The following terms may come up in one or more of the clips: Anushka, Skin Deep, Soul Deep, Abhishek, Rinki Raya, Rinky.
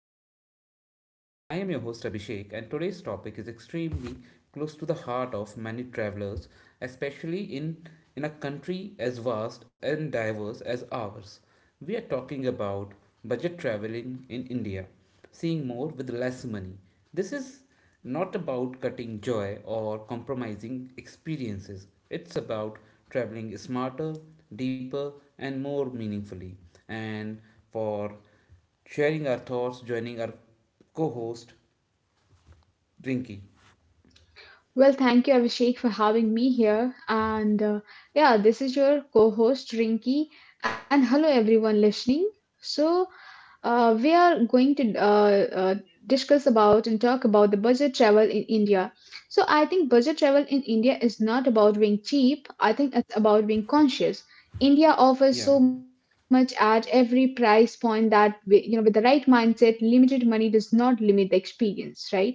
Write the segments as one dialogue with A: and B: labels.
A: of our podcast. I am your host Abhishek, and today's topic is extremely close to the heart of many travelers, especially in a country as vast and diverse as ours. We are talking about budget traveling in India, seeing more with less money. This is not about cutting joy or compromising experiences. It's about traveling smarter, deeper, and more meaningfully. And for sharing our thoughts, joining our co host, Rinky.
B: Well, thank you, Abhishek, for having me here. And yeah, this is your co host, Rinki. And hello, everyone listening. So, we are going to discuss about and talk about the budget travel in India. So I think budget travel in India is not about being cheap. I think it's about being conscious. India offers
A: Yeah.
B: so much at every price point that we, with the right mindset, limited money does not limit the experience, right?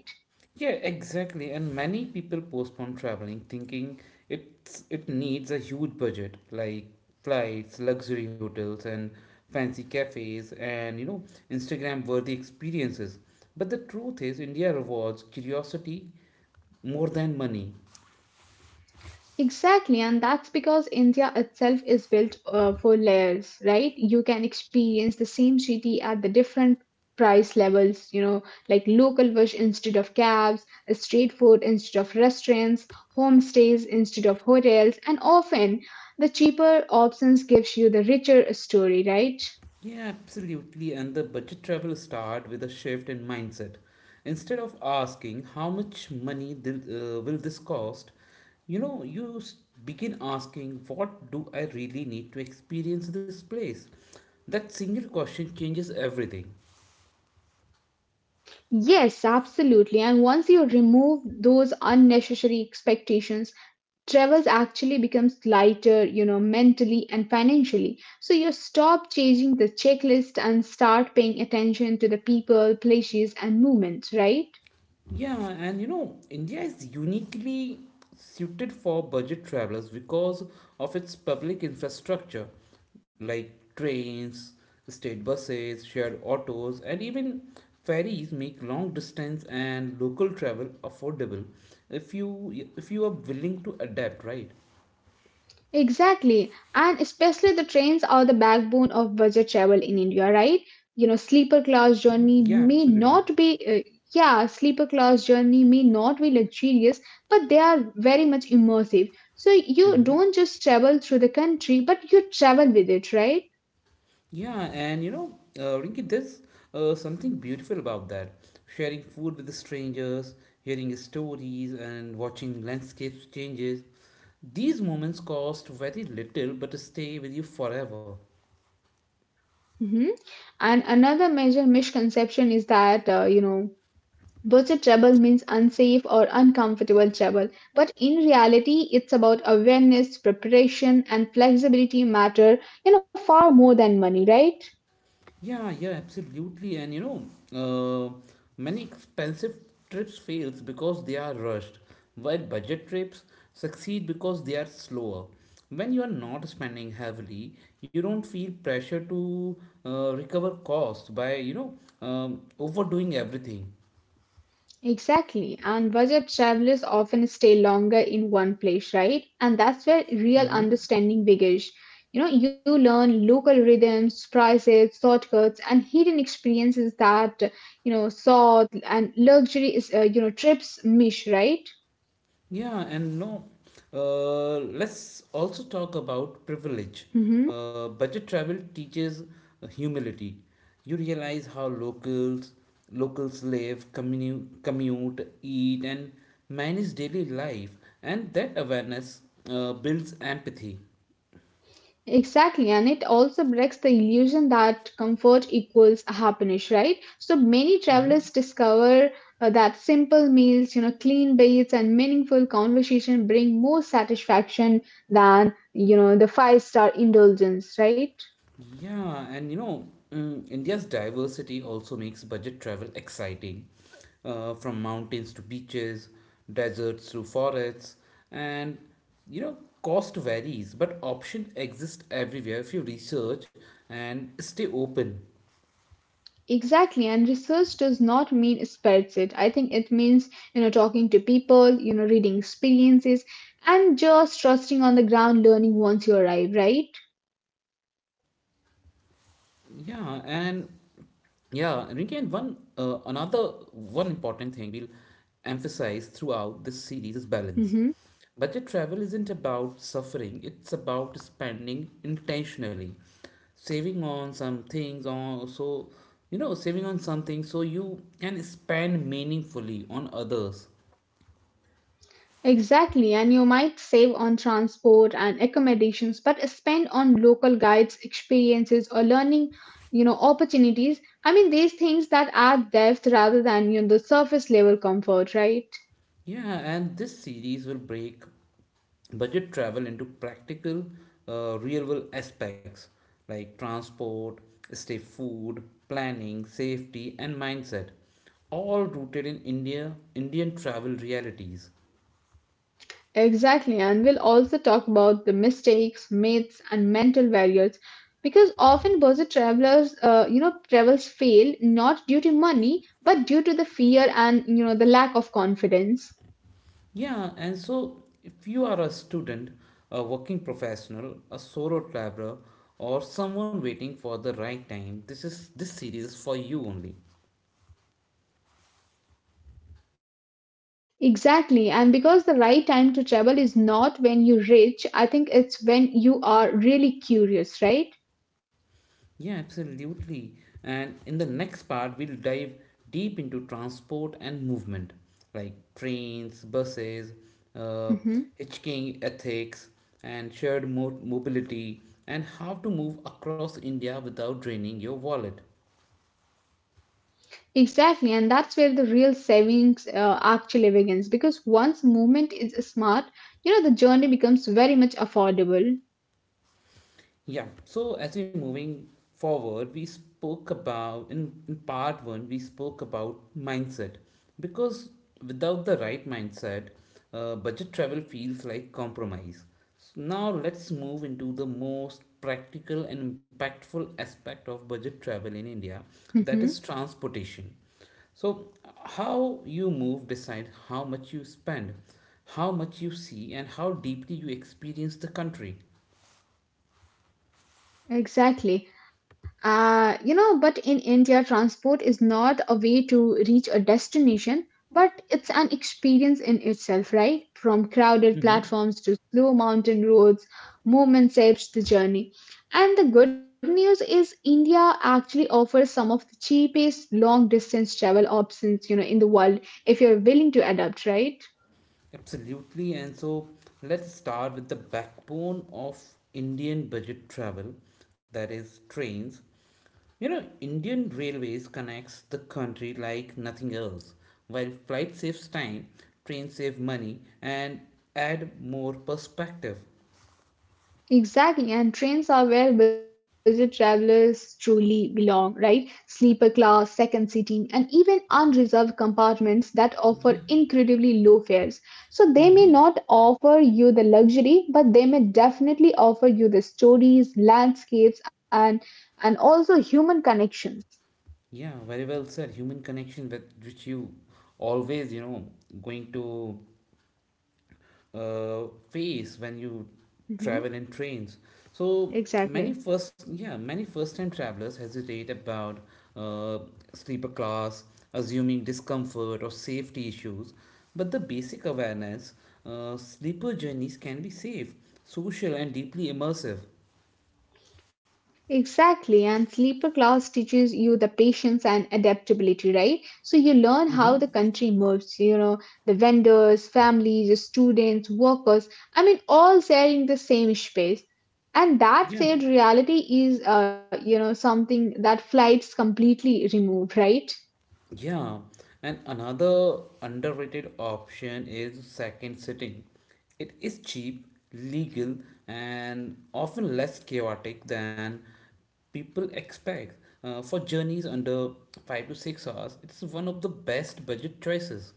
A: Yeah, exactly. And many people postpone traveling thinking it needs a huge budget like flights, luxury hotels and fancy cafes and Instagram worthy experiences. But the truth is India rewards curiosity more than money.
B: Exactly, and that's because India itself is built for layers, right? You can experience the same city at the different price levels, you know, like local bush instead of cabs, street food instead of restaurants, homestays instead of hotels, and often the cheaper options gives you the richer story, right?
A: Yeah, absolutely. And the budget travel start with a shift in mindset. Instead of asking how much money will this cost, you know, you s- begin asking what do I really need to experience this place? That single question changes everything.
B: Yes, absolutely. And once you remove those unnecessary expectations, travels actually becomes lighter, you know, mentally and financially. So you stop chasing the checklist and start paying attention to the people, places, and movements, right?
A: Yeah, and you know, India is uniquely suited for budget travelers because of its public infrastructure like trains, state buses, shared autos, and even ferries make long distance and local travel affordable if you are willing to adapt, right?
B: Exactly. And especially the trains are the backbone of budget travel in India, right? You know,
A: Yeah, absolutely.
B: sleeper class journey may not be luxurious, but they are very much immersive. So you don't just travel through the country, but you travel with it, right?
A: Yeah, and you know, Rinky, there's something beautiful about that. Sharing food with the strangers, hearing stories, and watching landscapes changes. These moments cost very little, but stay with you forever.
B: Hmm. And another major misconception is that budget travel means unsafe or uncomfortable travel. But in reality, it's about awareness, preparation, and flexibility matter, you know, far more than money, right?
A: Yeah, yeah, absolutely. And you know, uh, many expensive trips fails because they are rushed, while budget trips succeed because they are slower. When you are not spending heavily, you don't feel pressure to recover costs by overdoing everything.
B: Exactly. And budget travelers often stay longer in one place, right? And that's where real
A: Mm-hmm.
B: understanding begins. You know, you learn local rhythms, prices, shortcuts, and hidden experiences that, you know, sought and luxury is, you know, trips miss, right?
A: Yeah, and no, let's also talk about privilege.
B: Mhm.
A: Budget travel teaches humility. You realize how locals live, commute, eat, and manage daily life, and that awareness builds empathy.
B: Exactly, and it also breaks the illusion that comfort equals happiness, right? So many travelers discover that simple meals, you know, clean baths, and meaningful conversation bring more satisfaction than, you know, the five-star indulgence, right?
A: Yeah, and you know, India's diversity also makes budget travel exciting. From mountains to beaches, deserts to forests, and you know, cost varies, but options exist everywhere if you research and stay open.
B: Exactly, and research does not mean spreads it. I think it means, you know, talking to people, you know, reading experiences, and just trusting on the ground learning once you arrive, right?
A: Yeah, and Yeah, Rinki, and one another one important thing we'll emphasize throughout this series is balance.
B: Hmm.
A: Budget travel isn't about suffering, it's about spending intentionally, saving on some things or so saving on something so you can spend meaningfully on others.
B: Exactly, and you might save on transport and accommodations, but spend on local guides, experiences, or learning, you know, opportunities. I mean, these things that add depth rather than you know the surface level comfort, right?
A: Yeah, and this series will break budget travel into practical, real world aspects like transport, stay food, planning, safety, and mindset, all rooted in Indian travel realities.
B: Exactly, and we'll also talk about the mistakes, myths, and mental barriers, because often budget travelers, travels fail not due to money, but due to the fear and you know the lack of confidence.
A: Yeah, and so if you are a student, a working professional, a solo traveler, or someone waiting for the right time, this series is for you only.
B: Exactly. And because the right time to travel is not when you're rich, I think it's when you are really curious, right?
A: Yeah, absolutely. And in the next part, we'll dive deep into transport and movement, like trains, buses, uh,
B: Hmm.
A: hitchhiking ethics, and shared mobility, and how to move across India without draining your wallet.
B: Exactly. And that's where the real savings actually begins because once movement is smart, you know, the journey becomes very much affordable.
A: Yeah. So as we're moving forward, we spoke about in part one. We spoke about mindset because without the right mindset, budget travel feels like compromise. So now let's move into the most practical and impactful aspect of budget travel in India, that is
B: Hmm.
A: transportation. So, how you move decide how much you spend, how much you see, and how deeply you experience the country.
B: Exactly. But in India, transport is not a way to reach a destination, but it's an experience in itself, right? From crowded platforms to slow mountain roads, movement shapes the journey. And the good news is India actually offers some of the cheapest long distance travel options, you know, in the world if you're willing to adapt, right?
A: Absolutely, and so let's start with the backbone of Indian budget travel, that is trains. You know, Indian railways connects the country like nothing else. While flight saves time, trains save money and add more perspective.
B: Exactly, and trains are where budget travelers truly belong, right? Sleeper class, second seating, and even unreserved compartments that offer
A: Yeah,
B: incredibly low fares. So they may not offer you the luxury, but they may definitely offer you the stories, landscapes, and also human connections.
A: yeah, very well said. Human connection that which you always, you know, going to face when you travel
B: Mhm.
A: in trains. So many
B: Exactly.
A: first yeah many first time travelers hesitate about uh, sleeper class, assuming discomfort or safety issues. But the basic awareness, sleeper journeys can be safe, social, and deeply immersive.
B: Exactly, and sleeper class teaches you the patience and adaptability, right? So you learn how the
A: Mm-hmm.
B: country moves, you know, the vendors, families, students, workers, I mean, all sharing the same space. And that
A: Yeah.
B: said, reality is, uh, you know, something that flights completely remove, right?
A: Yeah, and another underrated option is second sitting. It is cheap, legal, and often less chaotic than people expect. For journeys under 5 to 6 hours, it's one of the best budget choices.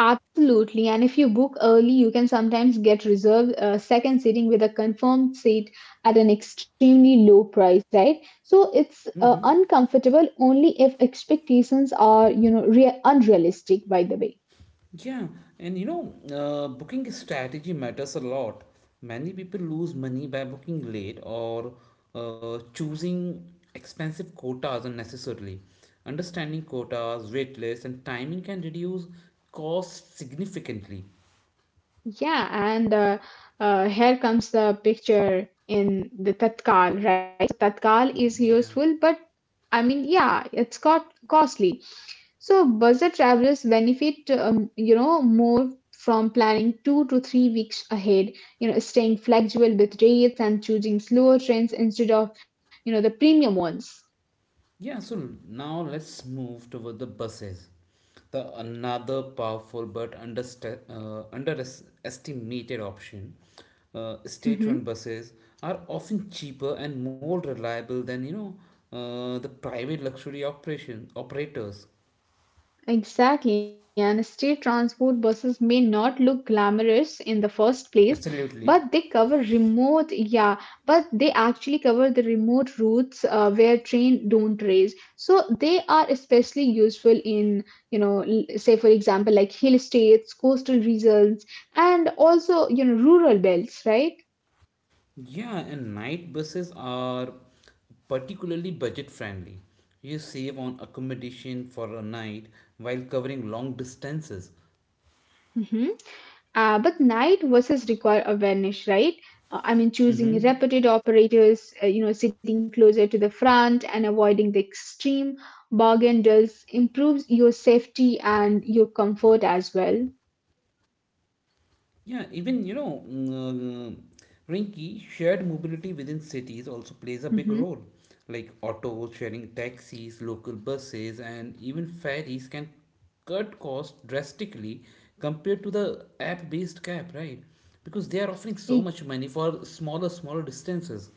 B: Absolutely. And if you book early, you can sometimes get reserved second sitting with a confirmed seat at an extremely low price, right? So it's uncomfortable only if expectations are, you know, rea- unrealistic, by the way.
A: Yeah, and you know, booking strategy matters a lot. Many people lose money by booking late or choosing expensive quotas unnecessarily. Understanding quotas, wait lists, and timing can reduce costs significantly.
B: Yeah, and Here comes the picture in the tatkal, right? So tatkal is
A: Yeah.
B: useful, but it's got costly. So budget travelers benefit more from planning 2 to 3 weeks ahead. You know, staying flexible with rates and choosing slower trains instead of you know the premium ones.
A: Yeah, so now let's move toward the buses, the another powerful but underestimated option. State-run
B: Mm-hmm.
A: buses are often cheaper and more reliable than the private luxury operation operators.
B: Exactly, and state transport buses may not look glamorous in the first place, but they
A: Absolutely.
B: actually cover the remote routes where train don't race. So they are especially useful in, you know, l- say for example, like hill states, coastal regions, and also, you know, rural belts, right?
A: Yeah, and night buses are particularly budget friendly. You save on accommodation for a night while covering long distances.
B: But night versus require awareness, right? I mean, choosing
A: Mm-hmm.
B: repeated operators, you know, sitting closer to the front and avoiding the extreme bargain does improves your safety and your comfort as well.
A: Yeah, even you know, Rinky, shared mobility within cities also plays a big
B: Hmm.
A: role. Like autos, sharing taxis, local buses, and even ferries can cut costs drastically compared to the app-based cab, right? Because they are offering so
B: E-
A: much money for smaller distances.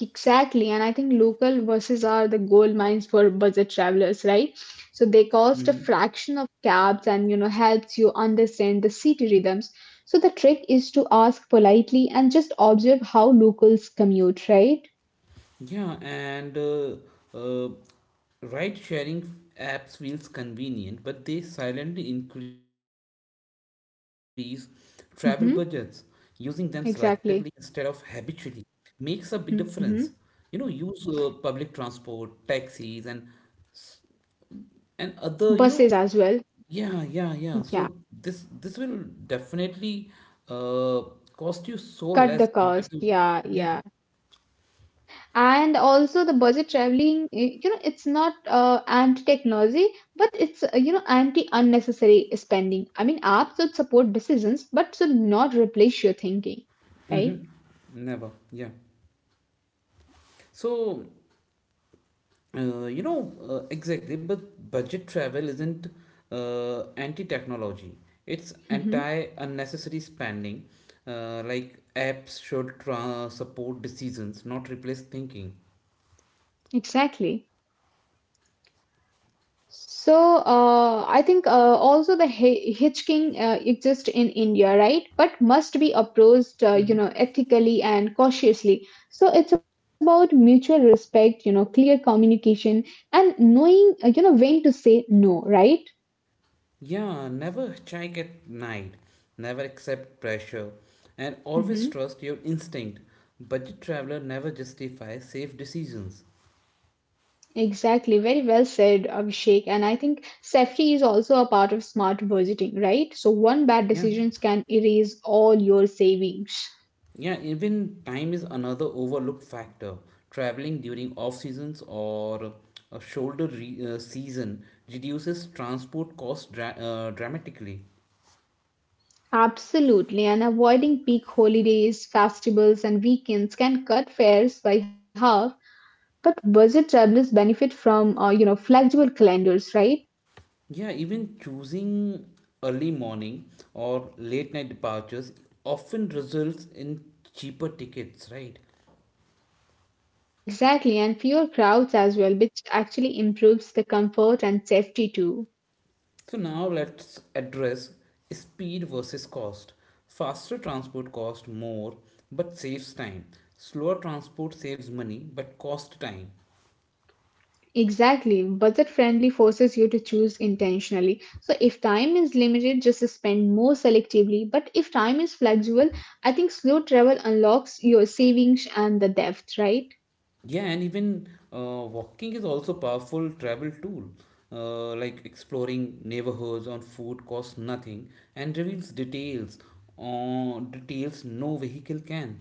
B: Exactly, and I think local buses are the gold mines for budget travelers, right? So they cost a fraction of cabs and you know helps you understand the city rhythms. So the trick is to ask politely and just observe how locals commute, right?
A: Yeah, and uh, ride sharing apps feels convenient, but they silently increase travel budgets. Using them
B: Mm-hmm.
A: selectively instead of habitually
B: Exactly.
A: makes a big difference. You know,
B: Mm-hmm.
A: use public transport, taxis, and other, you know,
B: Buses as well.
A: yeah, yeah, yeah.
B: Yeah.
A: So this will definitely uh, cost you so less
B: Cut the
A: compared to
B: cost.
A: yeah,
B: Yeah, yeah. And also the budget traveling, it's not anti-technology, but it's anti-unnecessary spending. I mean, apps should support decisions, but should not replace your thinking, right?
A: never, yeah. So Uh, you know, exactly, but budget travel isn't anti-technology. It's
B: Mm-hmm.
A: anti-unnecessary spending. Like apps should support decisions, not replace thinking.
B: Exactly. So I think also the hitchhiking exists in India, right? But must be approached,
A: Hmm.
B: uh, you know, ethically and cautiously. So it's about mutual respect, you know, clear communication, and knowing when to say no, right?
A: Yeah, never hitchhike at night, never accept pressure, and always
B: Hmm.
A: trust your instinct. Budget traveler never justifies safe decisions.
B: Exactly. Very well said, Abhishek. And I think safety is also a part of smart budgeting, right? So one bad
A: Yeah.
B: decisions can erase all your savings.
A: Yeah, even time is another overlooked factor. Traveling during off seasons or a season reduces transport costs dramatically.
B: Absolutely, and avoiding peak holidays, festivals, and weekends can cut fares by half. But budget travelers benefit from, you know, flexible calendars, right?
A: Yeah, even choosing early morning or late night departures often results in cheaper tickets, right?
B: Exactly, and fewer crowds as well, which actually improves the comfort and safety too.
A: So now let's address speed versus cost. Faster transport costs more but saves time. Slower transport saves money but costs time.
B: Exactly, budget friendly forces you to choose intentionally. So if time is limited, just spend more selectively. But if time is flexible, I think slow travel unlocks your savings and the depth, right?
A: Yeah, and even walking is also powerful travel tool. Like exploring neighborhoods on foot costs nothing and reveals details no vehicle can.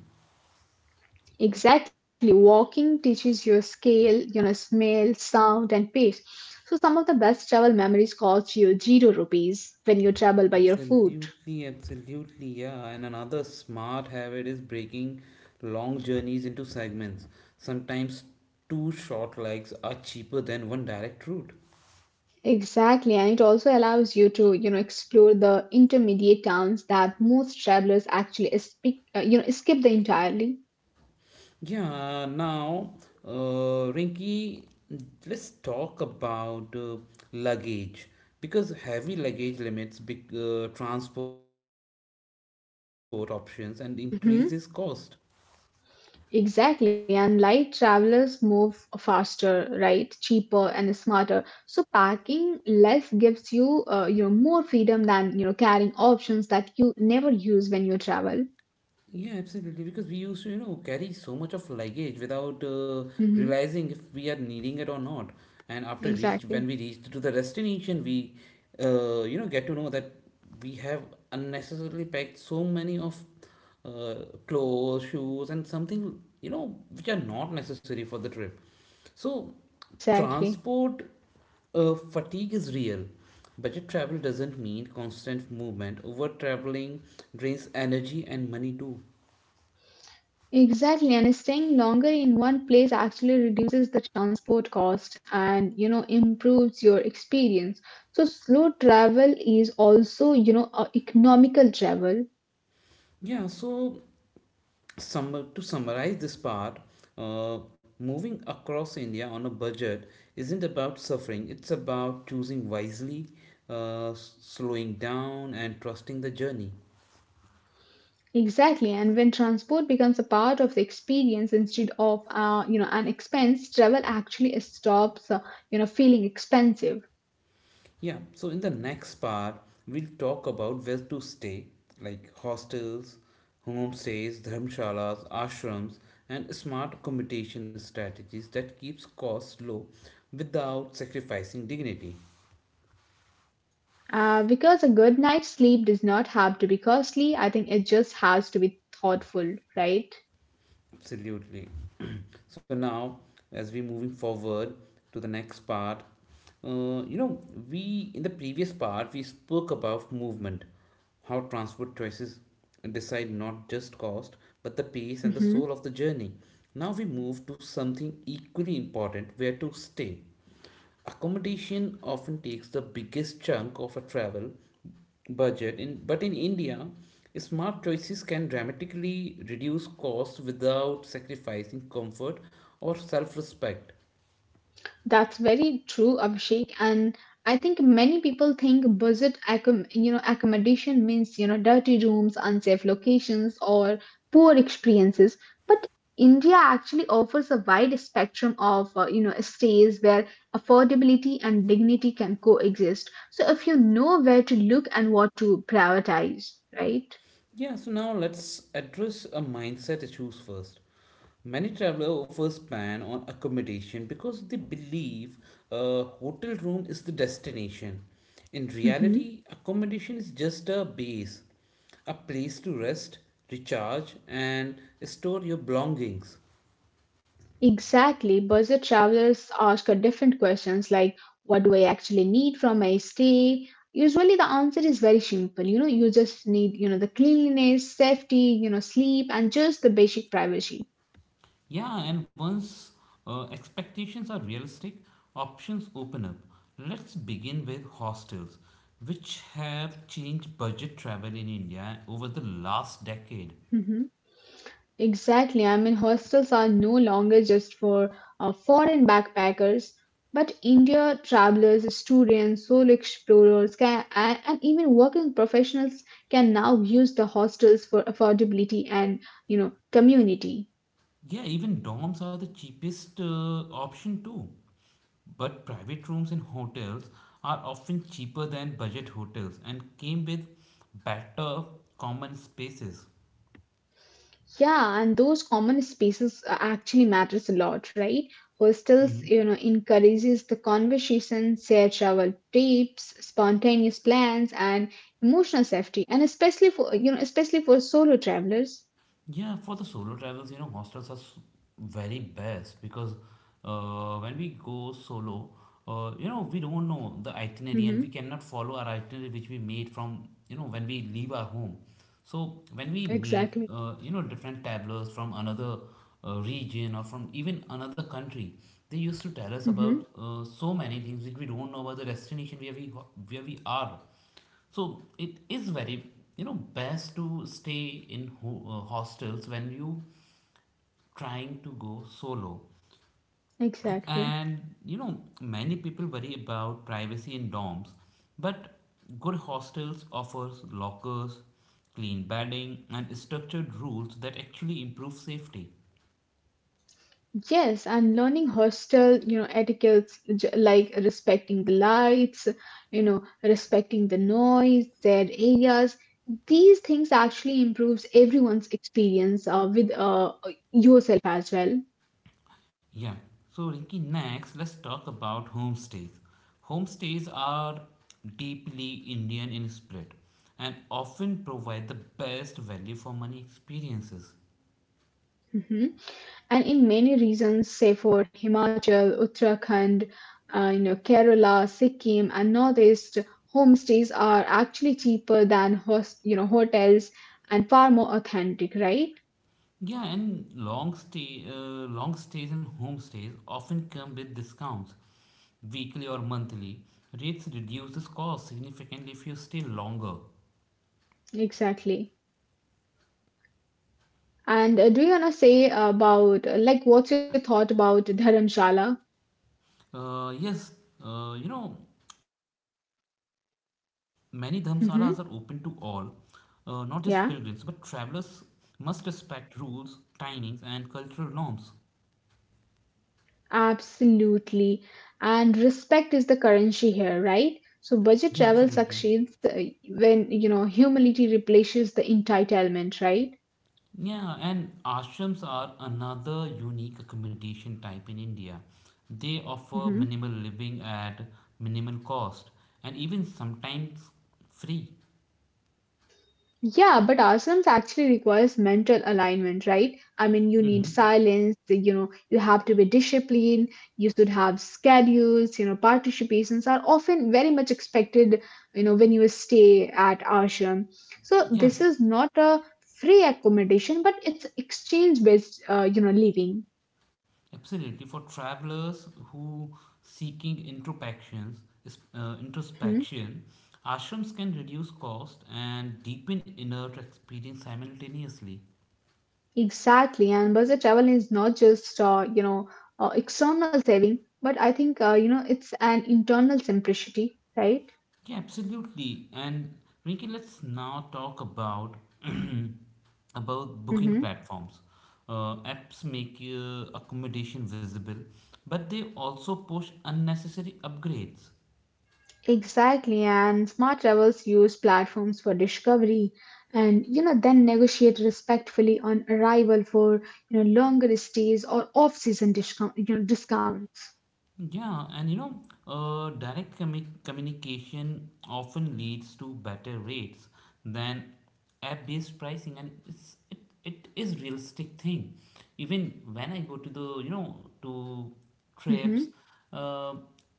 B: Exactly. Walking teaches you scale, you know, smell, sound, and pace. So some of the best travel memories cost you zero rupees when you travel by your foot.
A: Absolutely, absolutely, yeah. And another smart habit is breaking long journeys into segments. Sometimes two short legs are cheaper than one direct route.
B: Exactly, and it also allows you to, you know, explore the intermediate towns that most travelers actually skip, skip the entirely.
A: Yeah, now, Rinky, let's talk about luggage because heavy luggage limits big transport options and increases cost.
B: Exactly, and light travelers move faster, right? Cheaper and smarter. So packing less gives you, you know, more freedom than you know carrying options that you never use when you travel.
A: Yeah, absolutely. Because we used to, you know, carry so much of luggage without
B: Hmm.
A: realizing if we are needing it or not. And when
B: Exactly,
A: we reach to the destination, you know, get to know that we have unnecessarily packed so many of uh, clothes, shoes, and something, you know, which are not necessary for the trip. So,
B: exactly,
A: transport fatigue is real. Budget travel doesn't mean constant movement. Over traveling drains energy and money too.
B: exactly. And staying longer in one place actually reduces the transport cost and you know improves your experience. So slow travel is also you know economical travel.
A: Yeah, so to summarize this part, uh, moving across India on a budget isn't about suffering, it's about choosing wisely, slowing down, and trusting the journey.
B: Exactly, and when transport becomes a part of the experience instead of an expense, travel actually stops you know feeling expensive.
A: Yeah, so in the next part, we'll talk about where to stay, like hostels, homestays, dharmshalas, ashrams, and smart accommodation strategies that keeps costs low without sacrificing dignity.
B: Because a good night's sleep does not have to be costly. I think it just has to be thoughtful, right?
A: Absolutely. So now as we're moving forward to the next part, uh, you know we in the previous part, we spoke about movement, how transport choices decide not just cost but the pace and the
B: Hmm.
A: soul of the journey. Now we move to something equally important: where to stay. Accommodation often takes the biggest chunk of a travel budget, but in India, smart choices can dramatically reduce costs without sacrificing comfort or self respect.
B: That's very true, Abhishek. And I think many people think budget accommodation means you know dirty rooms, unsafe locations, or poor experiences. But India actually offers a wide spectrum of stays where affordability and dignity can coexist. So if you know where to look and what to prioritize, right?
A: Yeah, so now let's address a mindset issues first. Many travelers offers ban on accommodation because they believe a hotel room is the destination. In reality, accommodation is just a base, a place to rest, recharge, and store your belongings.
B: Exactly. Budget travelers ask a different questions like what do I actually need from my stay? Usually the answer is very simple. You know, you just need, you know, the cleanliness, safety, you know, sleep and just the basic privacy.
A: Yeah, and once expectations are realistic, options open up. Let's begin with hostels, which have changed budget travel in India over the last decade.
B: Mhm. Exactly. I mean, hostels are no longer just for foreign backpackers, but India travelers, students, solo explorers, and even working professionals can now use the hostels for affordability and you know community.
A: Yeah, even dorms are the cheapest option too. But private rooms in hotels are often cheaper than budget hotels and came with better common spaces.
B: Yeah, and those common spaces actually matters a lot, right? Hostels, you know, encourages the conversation, shared travel tips, spontaneous plans, and emotional safety, and especially for you know, especially for solo travelers.
A: Yeah, for the solo travels, you know, hostels are very best because when we go solo, you know, we don't know the itinerary and we
B: Mm-hmm.
A: cannot follow our itinerary which we made from, you know, when we leave our home. So when we meet,
B: Exactly.
A: you know, different travelers from another region or from even another country, they used to tell us about
B: Mm-hmm.
A: so many things which we don't know about the destination where we are. So it is very, you know, best to stay in hostels when you trying to go solo.
B: Exactly.
A: And you know, many people worry about privacy in dorms, but good hostels offers lockers, clean bedding, and structured rules that actually improve safety.
B: Yes, and learning hostel, you know, etiquettes j- like respecting the lights, you know, respecting the noise, their areas. These things actually improves everyone's experience with yourself as well.
A: Yeah. So, Rinki, next let's talk about homestays. Homestays are deeply Indian in spirit and often provide the best value for money experiences.
B: Mhm. And in many reasons, say for Himachal, Uttarakhand, you know, Kerala, Sikkim, and Northeast, homestays are actually cheaper than host, you know, hotels and far more authentic, right?
A: Yeah, and long stays and homestays often come with discounts, weekly or monthly. Rates reduces cost significantly if you stay longer.
B: Exactly. And do you wanna say about like what's your thought about dharamshala?
A: Yes, uh, you know, many dhamsalas are open to all,
B: Hmm.
A: not just pilgrims, but travelers
B: Yeah,
A: must respect rules, timings, and cultural norms.
B: absolutely. And respect is the currency here, right? So budget
A: Yeah,
B: travel
A: absolutely.
B: succeeds uh, when you know humility replaces the entitlement, right?
A: Yeah, and ashrams are another unique accommodation type in India. They offer
B: Hmm.
A: minimal living at minimal cost and even sometimes free.
B: Yeah, but ashrams actually requires mental alignment, right? I mean, you need
A: Mm-hmm.
B: silence, you know, you have to be disciplined, you should have schedules, you know, participations are often very much expected, you know, when you stay at ashram. So
A: Yeah,
B: this is not a free accommodation, but it's exchange-based, you know, living.
A: absolutely. For travelers who seeking introspections,
B: Mhm.
A: introspection, ashrams can reduce cost and deepen inner experience simultaneously.
B: Exactly, and budget travel is not just, you know, external saving, but I think, you know, it's an internal simplicity, right?
A: Yeah, absolutely. And Rinki, let's now talk about about booking
B: Mhm.
A: platforms. Apps make accommodation visible, but they also push unnecessary upgrades.
B: Exactly, and smart travels use platforms for discovery and you know then negotiate respectfully on arrival for you know longer stays or off-season discounts.
A: Yeah, and you know, direct communication often leads to better rates than app-based pricing, and it is realistic thing. Even when I go to the you know to trips,
B: Mm-hmm,
A: uh,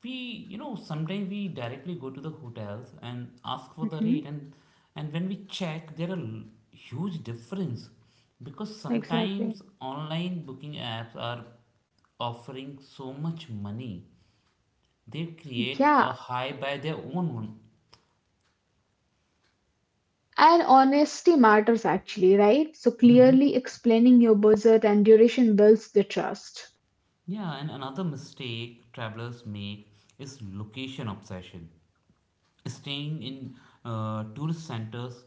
A: we you know sometimes we directly go to the hotels and ask for the
B: mm-hmm.
A: rate, and when we check, there are huge difference because
B: Exactly.
A: sometimes online booking apps are offering so much money, they create a
B: Yeah,
A: high by their own one.
B: and honesty matters actually, right? So clearly explaining your budget and duration builds the trust.
A: Yeah, and another mistake travelers make is location obsession. Staying in tourist centers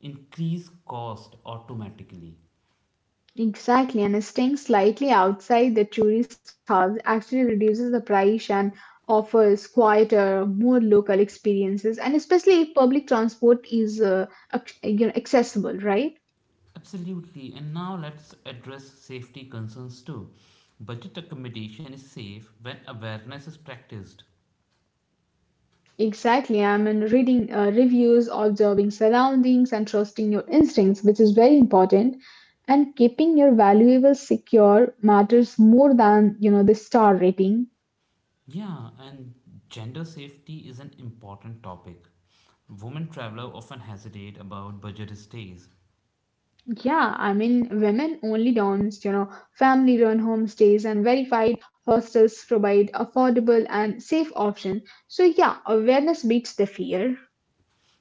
A: increase cost automatically.
B: Exactly, and staying slightly outside the tourist hubs actually reduces the price and offers quieter, more local experiences, and especially if public transport is you know, accessible, right?
A: Absolutely, and now let's address safety concerns too. Budget accommodation is safe when awareness is practiced.
B: Exactly. I mean, reading reviews, observing surroundings, and trusting your instincts, which is very important. And keeping your valuables secure matters more than you know the star rating.
A: Yeah, and gender safety is an important topic. Women traveler often hesitate about budget stays.
B: Yeah, I mean, women only dorms, you know, family run homestays and verified hostels provide affordable and safe option. So yeah, awareness beats the fear.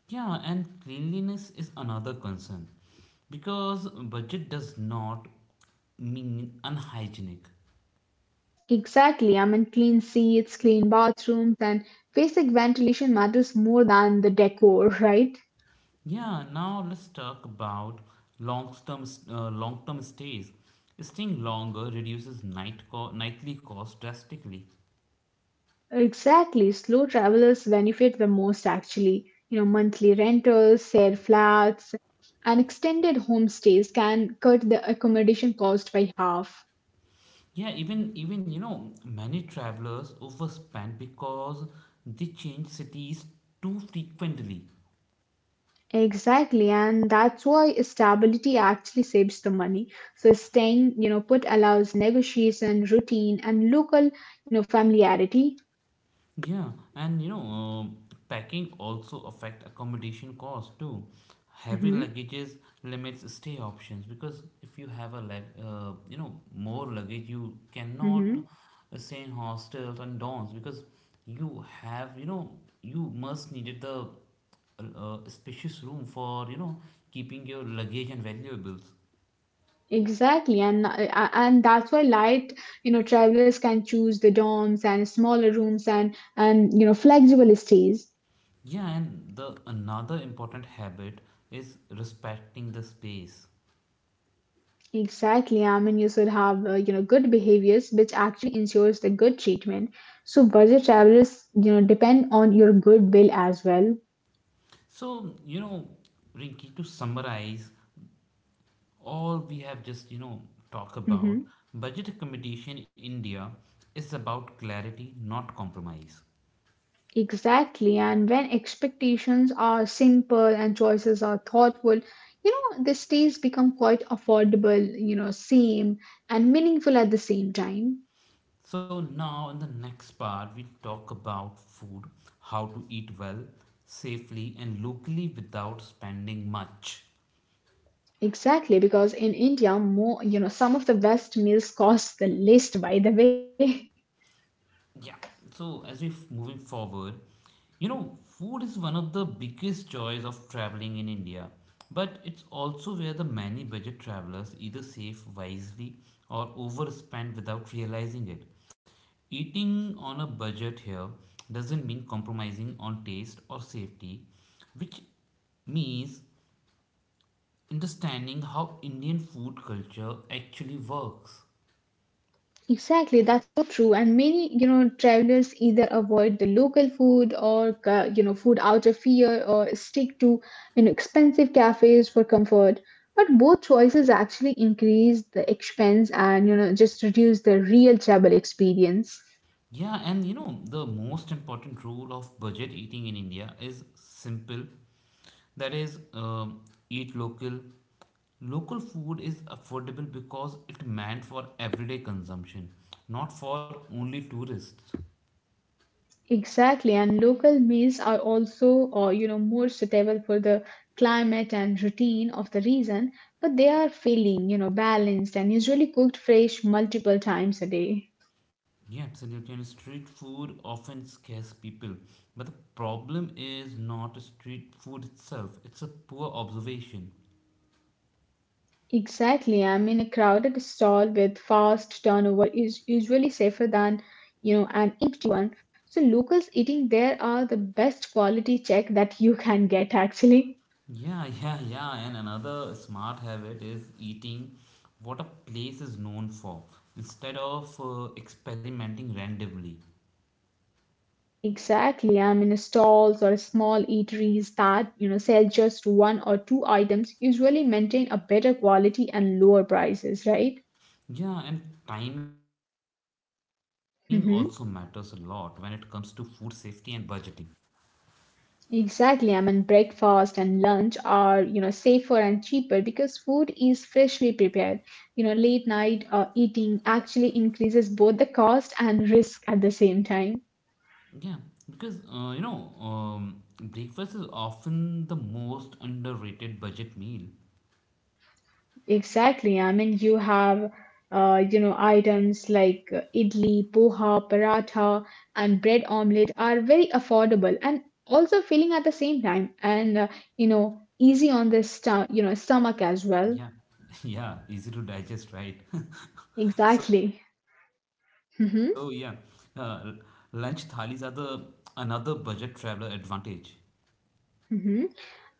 A: Yeah, and cleanliness is another concern because budget does not mean unhygienic.
B: Exactly. I mean, clean seats, clean bathrooms, and basic ventilation matters more than the decor, right?
A: Yeah, now let's talk about long-term long-term stays. Staying longer reduces nightly cost drastically.
B: Exactly. Slow travelers benefit the most actually. You know, monthly rentals, share flats, and extended homestays can cut the accommodation cost by half.
A: Yeah, even you know many travelers overspend because they change cities too frequently.
B: Exactly, and that's why stability actually saves the money. So staying, you know, put allows negotiation, routine, and local, you know, familiarity.
A: Yeah, and you know, packing also affect accommodation cost too. Heavy
B: Mm-hmm,
A: luggages limits stay options because if you have a you know more luggage, you cannot
B: mm-hmm.
A: stay in hostels and dorms because you have you know you must needed the spacious room for you know keeping your luggage and valuables.
B: Exactly, and that's why light, you know, travelers can choose the dorms and smaller rooms and you know flexible stays.
A: Yeah, and the another important habit is respecting the space.
B: Exactly, I mean, you should have you know good behaviors, which actually ensures the good treatment. So budget travelers, you know, depend on your good bill as well.
A: So, you know, Rinki, to summarize all we have just, you know, talk about,
B: Mm-hmm.
A: budget accommodation in India is about clarity, not compromise.
B: Exactly, and when expectations are simple and choices are thoughtful, you know, the stays become quite affordable, you know, same and meaningful at the same time.
A: So now in the next part we'll talk about food, how to eat well, safely and locally without spending much.
B: Exactly, because in India, more, you know, some of the best meals cost the least, by the way.
A: Yeah. So as we're moving forward, you know, food is one of the biggest joys of traveling in India, but it's also where the many budget travelers either save wisely or overspend without realizing it. Eating on a budget here doesn't mean compromising on taste or safety, which means understanding how Indian food culture actually works.
B: Exactly, that's so true. And many, you know, travelers either avoid the local food or, you know, food out of fear or stick to, you know, expensive cafes for comfort. But both choices actually increase the expense and, you know, just reduce the real travel experience.
A: Yeah, and you know, the most important rule of budget eating in India is simple. That is, eat local. Local food is affordable because it meant for everyday consumption, not for only tourists.
B: Exactly, and local meals are also, you know, more suitable for the climate and routine of the region, but they are filling, you know, balanced and usually cooked fresh multiple times a day.
A: Yeah, absolutely. And street food often scares people. But the problem is not street food itself, it's a poor observation.
B: Exactly, I mean, a crowded stall with fast turnover is usually safer than, you know, an eat. So locals eating there are the best quality check that you can get actually.
A: Yeah, yeah, yeah. And another smart habit is eating what a place is known for instead of experimenting randomly.
B: Exactly. I mean, stalls or small eateries that, you know, sell just one or two items usually maintain a better quality and lower prices, right?
A: Yeah, and timing also matters a lot when it comes
B: Hmm.
A: to food safety and budgeting.
B: Exactly. I mean, breakfast and lunch are, you know, safer and cheaper because food is freshly prepared. You know, late night eating actually increases both the cost and risk at the same time.
A: Yeah, because breakfast is often the most underrated budget meal.
B: Exactly. I mean, you have, you know, items like idli, poha, paratha, and bread omelette are very affordable and also filling at the same time, and you know, easy on the you know, stomach as well.
A: Yeah, yeah, easy to digest, right? So
B: Exactly.
A: yeah, uh,
B: Mm-hmm.
A: lunch thalis are the another budget traveler advantage.
B: Mm-hmm.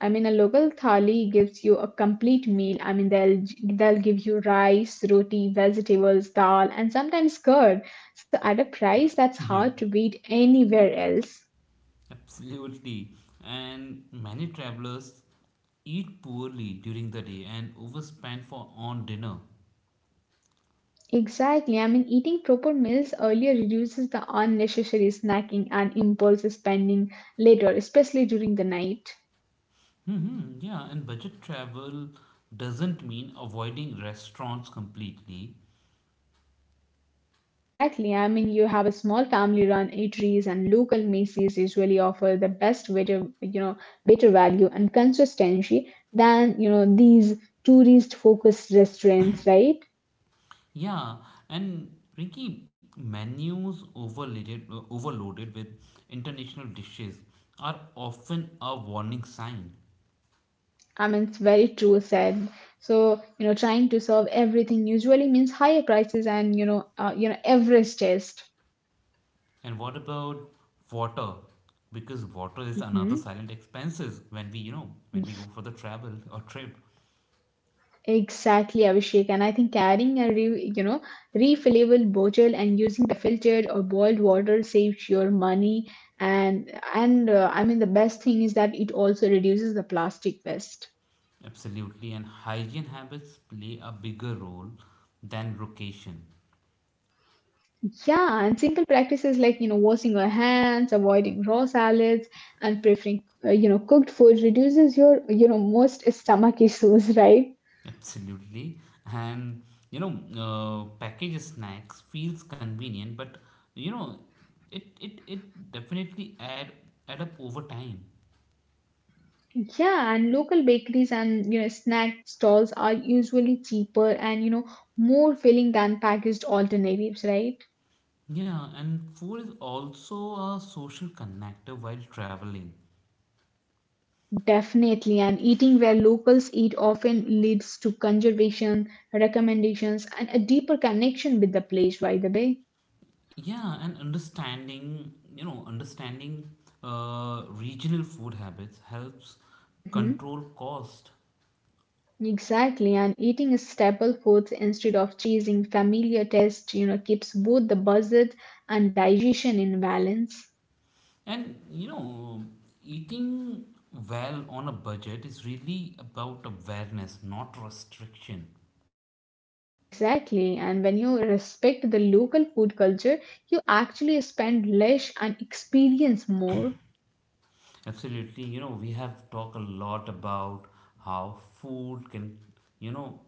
B: I mean, a local thali gives you a complete meal. I mean, they'll give you rice, roti, vegetables, dal, and sometimes curd. So at a price that's
A: Yeah,
B: hard to beat anywhere else.
A: absolutely. And many travelers eat poorly during the day and overspend for on dinner.
B: Exactly. I mean, eating proper meals earlier reduces the unnecessary snacking and impulse spending later, especially during the night.
A: Hmm, yeah, and budget travel doesn't mean avoiding restaurants completely.
B: Exactly. I mean, you have a small family-run eateries and local Macy's usually offer the best better, you know, better value and consistency than, you know, these tourist-focused restaurants, right?
A: Yeah, and Rinky, overloaded with international dishes are often a warning sign.
B: I mean, it's very true said. So, you know, trying to serve everything usually means higher prices and, you know, average taste.
A: And what about water? Because water is another
B: Hmm.
A: silent expenses when we, you know, when we go for the travel or trip.
B: Exactly, Abhishek. And I think carrying a you know refillable bottle and using the filtered or boiled water saves your money. And I mean the best thing is that it also reduces the plastic waste.
A: Absolutely. And hygiene habits play a bigger role than location.
B: Yeah, and simple practices like you know washing your hands, avoiding raw salads, and preferring you know cooked food reduces your you know most stomach issues, right?
A: Absolutely. And, you know, packaged snacks feels convenient, but, you know, it definitely add up over time.
B: Yeah, and local bakeries and you know snack stalls are usually cheaper and you know more filling than packaged alternatives, right?
A: Yeah, and food is also a social connector while traveling.
B: Definitely, and eating where locals eat often leads to conservation recommendations and a deeper connection with the place, by the way.
A: Yeah, and understanding regional food habits helps
B: Hmm.
A: control cost.
B: Exactly, and eating a staple foods instead of chasing familiar tastes, you know, keeps both the budget and digestion in balance.
A: And, you know, eating well on a budget is really about awareness, not restriction.
B: Exactly. And when you respect the local food culture, you actually spend less and experience more.
A: Absolutely, you know, we have talked a lot about how food can, you know,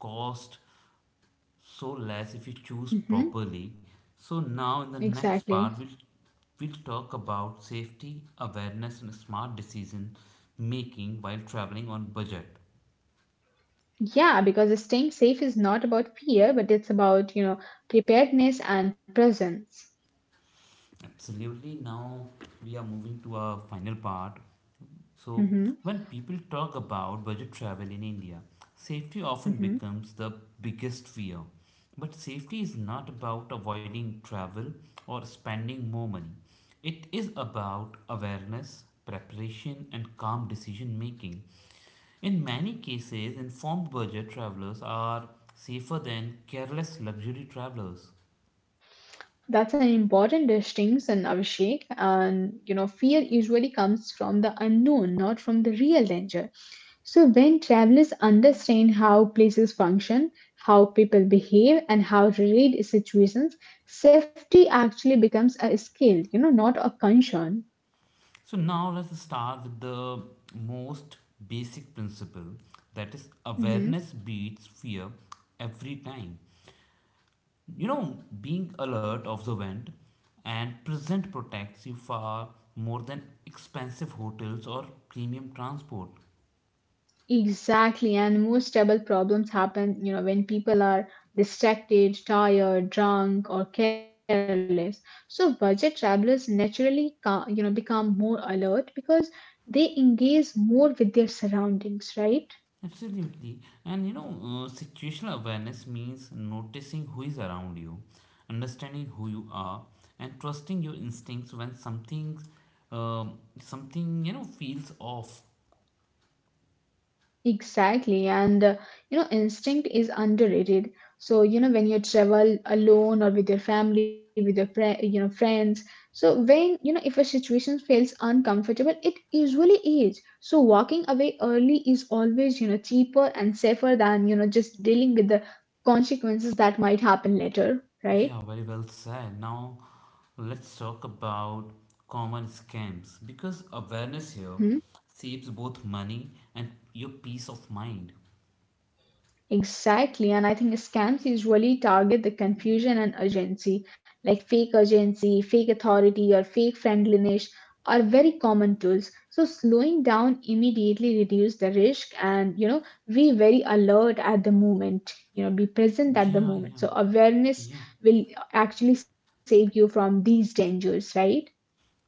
A: cost so less if you choose
B: Hmm.
A: properly. So now in the next
B: Exactly.
A: part we'll talk about safety awareness and smart decision making while traveling on budget.
B: Yeah, because staying safe is not about fear, but it's about, you know, preparedness and presence.
A: Absolutely. Now we are moving to our final part. So,
B: Hmm.
A: when people talk about budget travel in India, safety often
B: Hmm.
A: becomes the biggest fear. But safety is not about avoiding travel or spending more money. It is about awareness, preparation, and calm decision making. In many cases, informed budget travelers are safer than careless luxury travelers.
B: That's an important distinction, Abhishek. And you know, fear usually comes from the unknown, not from the real danger. So, when travelers understand how places function, how people behave, and how to read situations, safety actually becomes a skill, you know, not a concern.
A: So now let's start with the most basic principle, that is awareness beats fear every time. You know, being alert, observant, and present protects you far more than expensive hotels or premium transport.
B: Exactly, and most trouble problems happen, you know, when people are distracted, tired, drunk, or careless. So budget travelers naturally, you know, become more alert because they engage more with their surroundings, right?
A: Absolutely. And you know, situational awareness means noticing who is around you, understanding who you are, and trusting your instincts when something you know feels off.
B: Exactly, and you know, instinct is underrated. So, you know, when you travel alone or with your family, with your fri you know, friends, so when you know, if a situation feels uncomfortable, it usually is. So, walking away early is always, you know, cheaper and safer than, you know, just dealing with the consequences that might happen later, right?
A: Yeah, very well said. Now let's talk about common scams because awareness here
B: Mm-hmm.
A: saves both money and your peace of mind.
B: Exactly, and I think scams usually target the confusion and urgency, like fake urgency, fake authority, or fake friendliness are very common tools. So slowing down immediately reduce the risk and you know be very alert at the moment, you know, be present at the
A: Yeah,
B: moment.
A: yeah,
B: So awareness
A: yeah,
B: will actually save you from these dangers, right?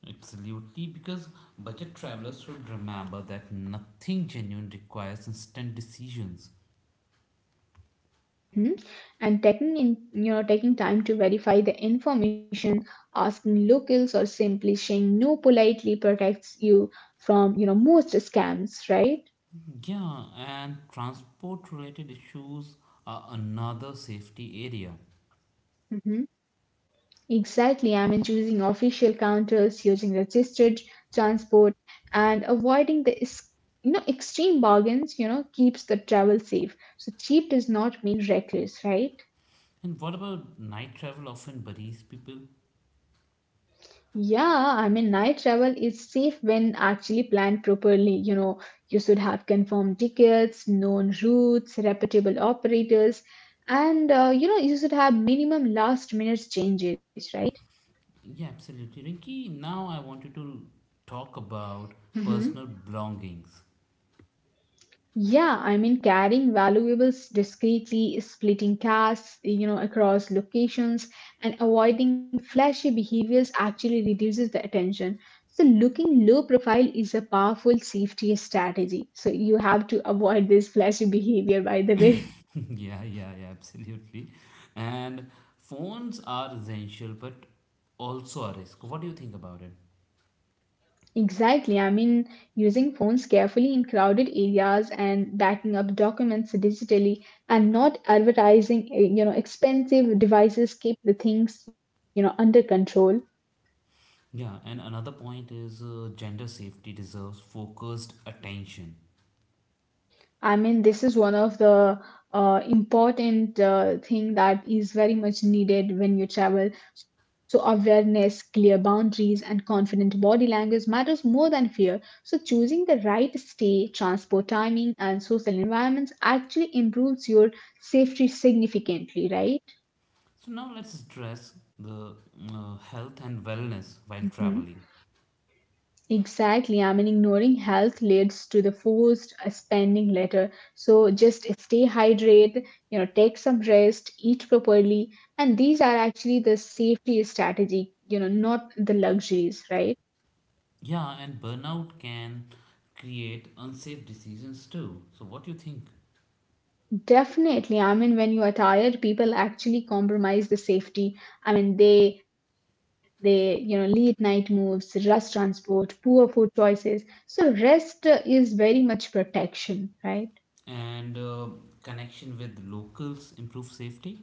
A: absolutely. Because budget travelers should remember that nothing genuine requires instant decisions.
B: Mhm. And taking in, you know taking time to verify the information, asking locals or simply saying no politely protects you from you know most scams, right?
A: Yeah, and transport related issues are another safety area.
B: Hmm. Exactly. I mean, choosing official counters, using registered transport, and avoiding the you know extreme bargains, you know, keeps the travel safe. So cheap does not mean reckless, right?
A: And what about night travel often buries people?
B: Yeah, I mean, night travel is safe when actually planned properly. You know, you should have confirmed tickets, known routes, reputable operators, and you know, you should have minimum last minute changes, right?
A: Yeah, absolutely. Rinky, now I wanted to talk about
B: Mhm.
A: personal belongings.
B: Yeah, I mean, carrying valuables discreetly, splitting tasks, you know, across locations, and avoiding flashy behaviors actually reduces the attention. So, looking low profile is a powerful safety strategy. So, you have to avoid this flashy behavior, by the way.
A: Yeah, absolutely. And phones are essential, but also a risk. What do you think about it?
B: Exactly. I mean, using phones carefully in crowded areas and backing up documents digitally and not advertising, you know, expensive devices keep the things, you know, under control.
A: Yeah, and another point is gender safety deserves focused attention.
B: I mean, this is one of the important thing that is very much needed when you travel. So awareness, clear boundaries, and confident body language matters more than fear. So choosing the right stay, transport timing, and social environments actually improves your safety significantly, right?
A: So now let's address the health and wellness while
B: Mhm.
A: traveling.
B: Exactly. I mean, ignoring health leads to the forced spending later. So just stay hydrated, you know, take some rest, eat properly. And these are actually the safety strategy, you know, not the luxuries, right?
A: Yeah, and burnout can create unsafe decisions too. So what do you think?
B: Definitely. I mean, when you are tired, people actually compromise the safety. I mean, they you know late night moves rush transport poor food choices so rest is very much protection, right?
A: And connection with locals improve safety,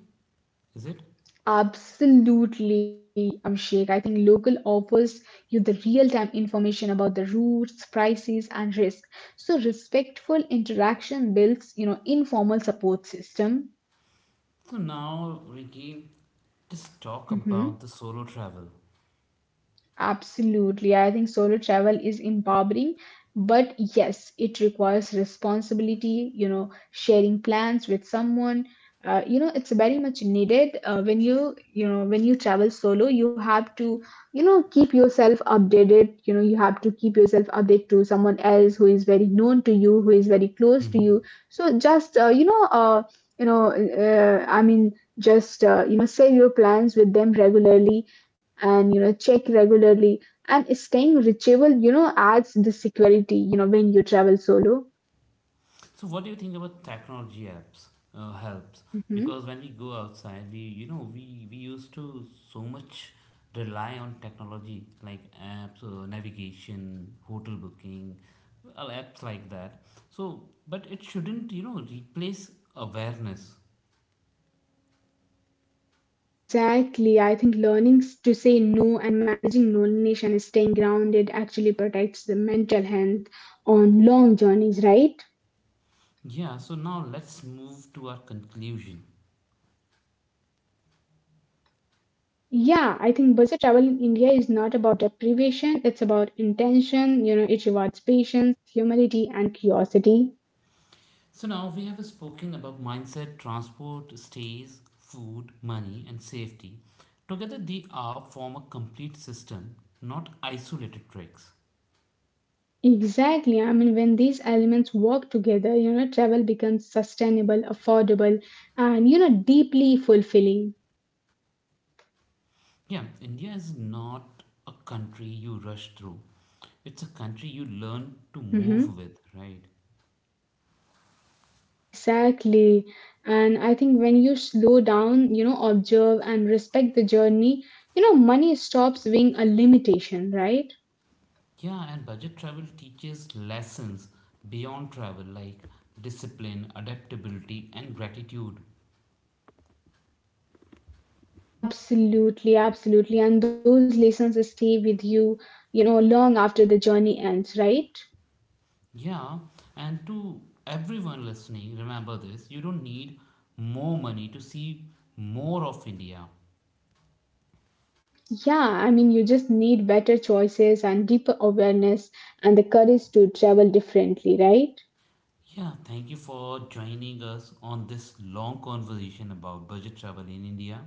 A: is it?
B: Absolutely, Abhishek. I think local offers you the real-time information about the routes, prices, and risk. So respectful interaction builds, you know, informal support system.
A: So now Ricky, just talk about
B: Mhm.
A: the solo travel.
B: Absolutely. I think solo travel is empowering, but yes, it requires responsibility, you know, sharing plans with someone. You know, it's very much needed when you know, when you travel solo, you have to, you know, keep yourself updated. You know, you have to keep yourself updated to someone else who is very known to you, who is very close to
A: Hmm,
B: you. So just, you know, I mean, just, you know, share your plans with them regularly and you know check regularly and staying reachable you know adds the security you know when you travel solo.
A: so what do you think about technology apps helps?
B: Hmm.
A: Because when we go outside we you know we used to so much rely on technology like apps, navigation, hotel booking, well, apps like that. So but it shouldn't you know replace awareness.
B: Exactly, I think learning to say no and managing loneliness and staying grounded actually protects the mental health on long journeys, right?
A: Yeah, so now let's move to our conclusion.
B: Yeah, I think budget travel in India is not about deprivation, it's about intention, you know, it rewards patience, humility and curiosity.
A: So now we have spoken about mindset, transport, stays, food, money, and safety. Together, they are form a complete system, not isolated tricks.
B: Exactly. I mean, when these elements work together, you know, travel becomes sustainable, affordable, and, you know, deeply fulfilling.
A: Yeah, India is not a country you rush through. It's a country you learn to move
B: Hmm.
A: with, right?
B: Exactly. And I think when you slow down, you know, observe and respect the journey, you know, money stops being a limitation, right?
A: Yeah, and budget travel teaches lessons beyond travel like discipline, adaptability, and gratitude.
B: Absolutely, absolutely. And those lessons stay with you, you know, long after the journey ends, right?
A: Yeah, and to everyone listening, remember this, you don't need more money to see more of India.
B: Yeah, I mean, you just need better choices and deeper awareness and the courage to travel differently, right?
A: Yeah, thank you for joining us on this long conversation about budget travel in India.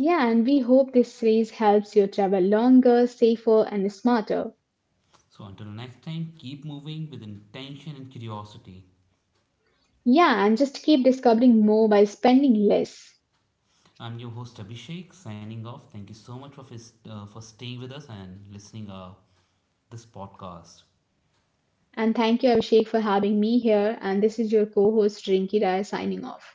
B: Yeah, and we hope this series helps you travel longer, safer, and smarter.
A: So, until next time, keep moving with intention and curiosity.
B: Yeah, and just keep discovering more by spending less.
A: I'm your host Abhishek, signing off. Thank you so much for staying with us and listening this podcast.
B: And thank you, Abhishek, for having me here. And this is your co host, Rinki Raya, signing off.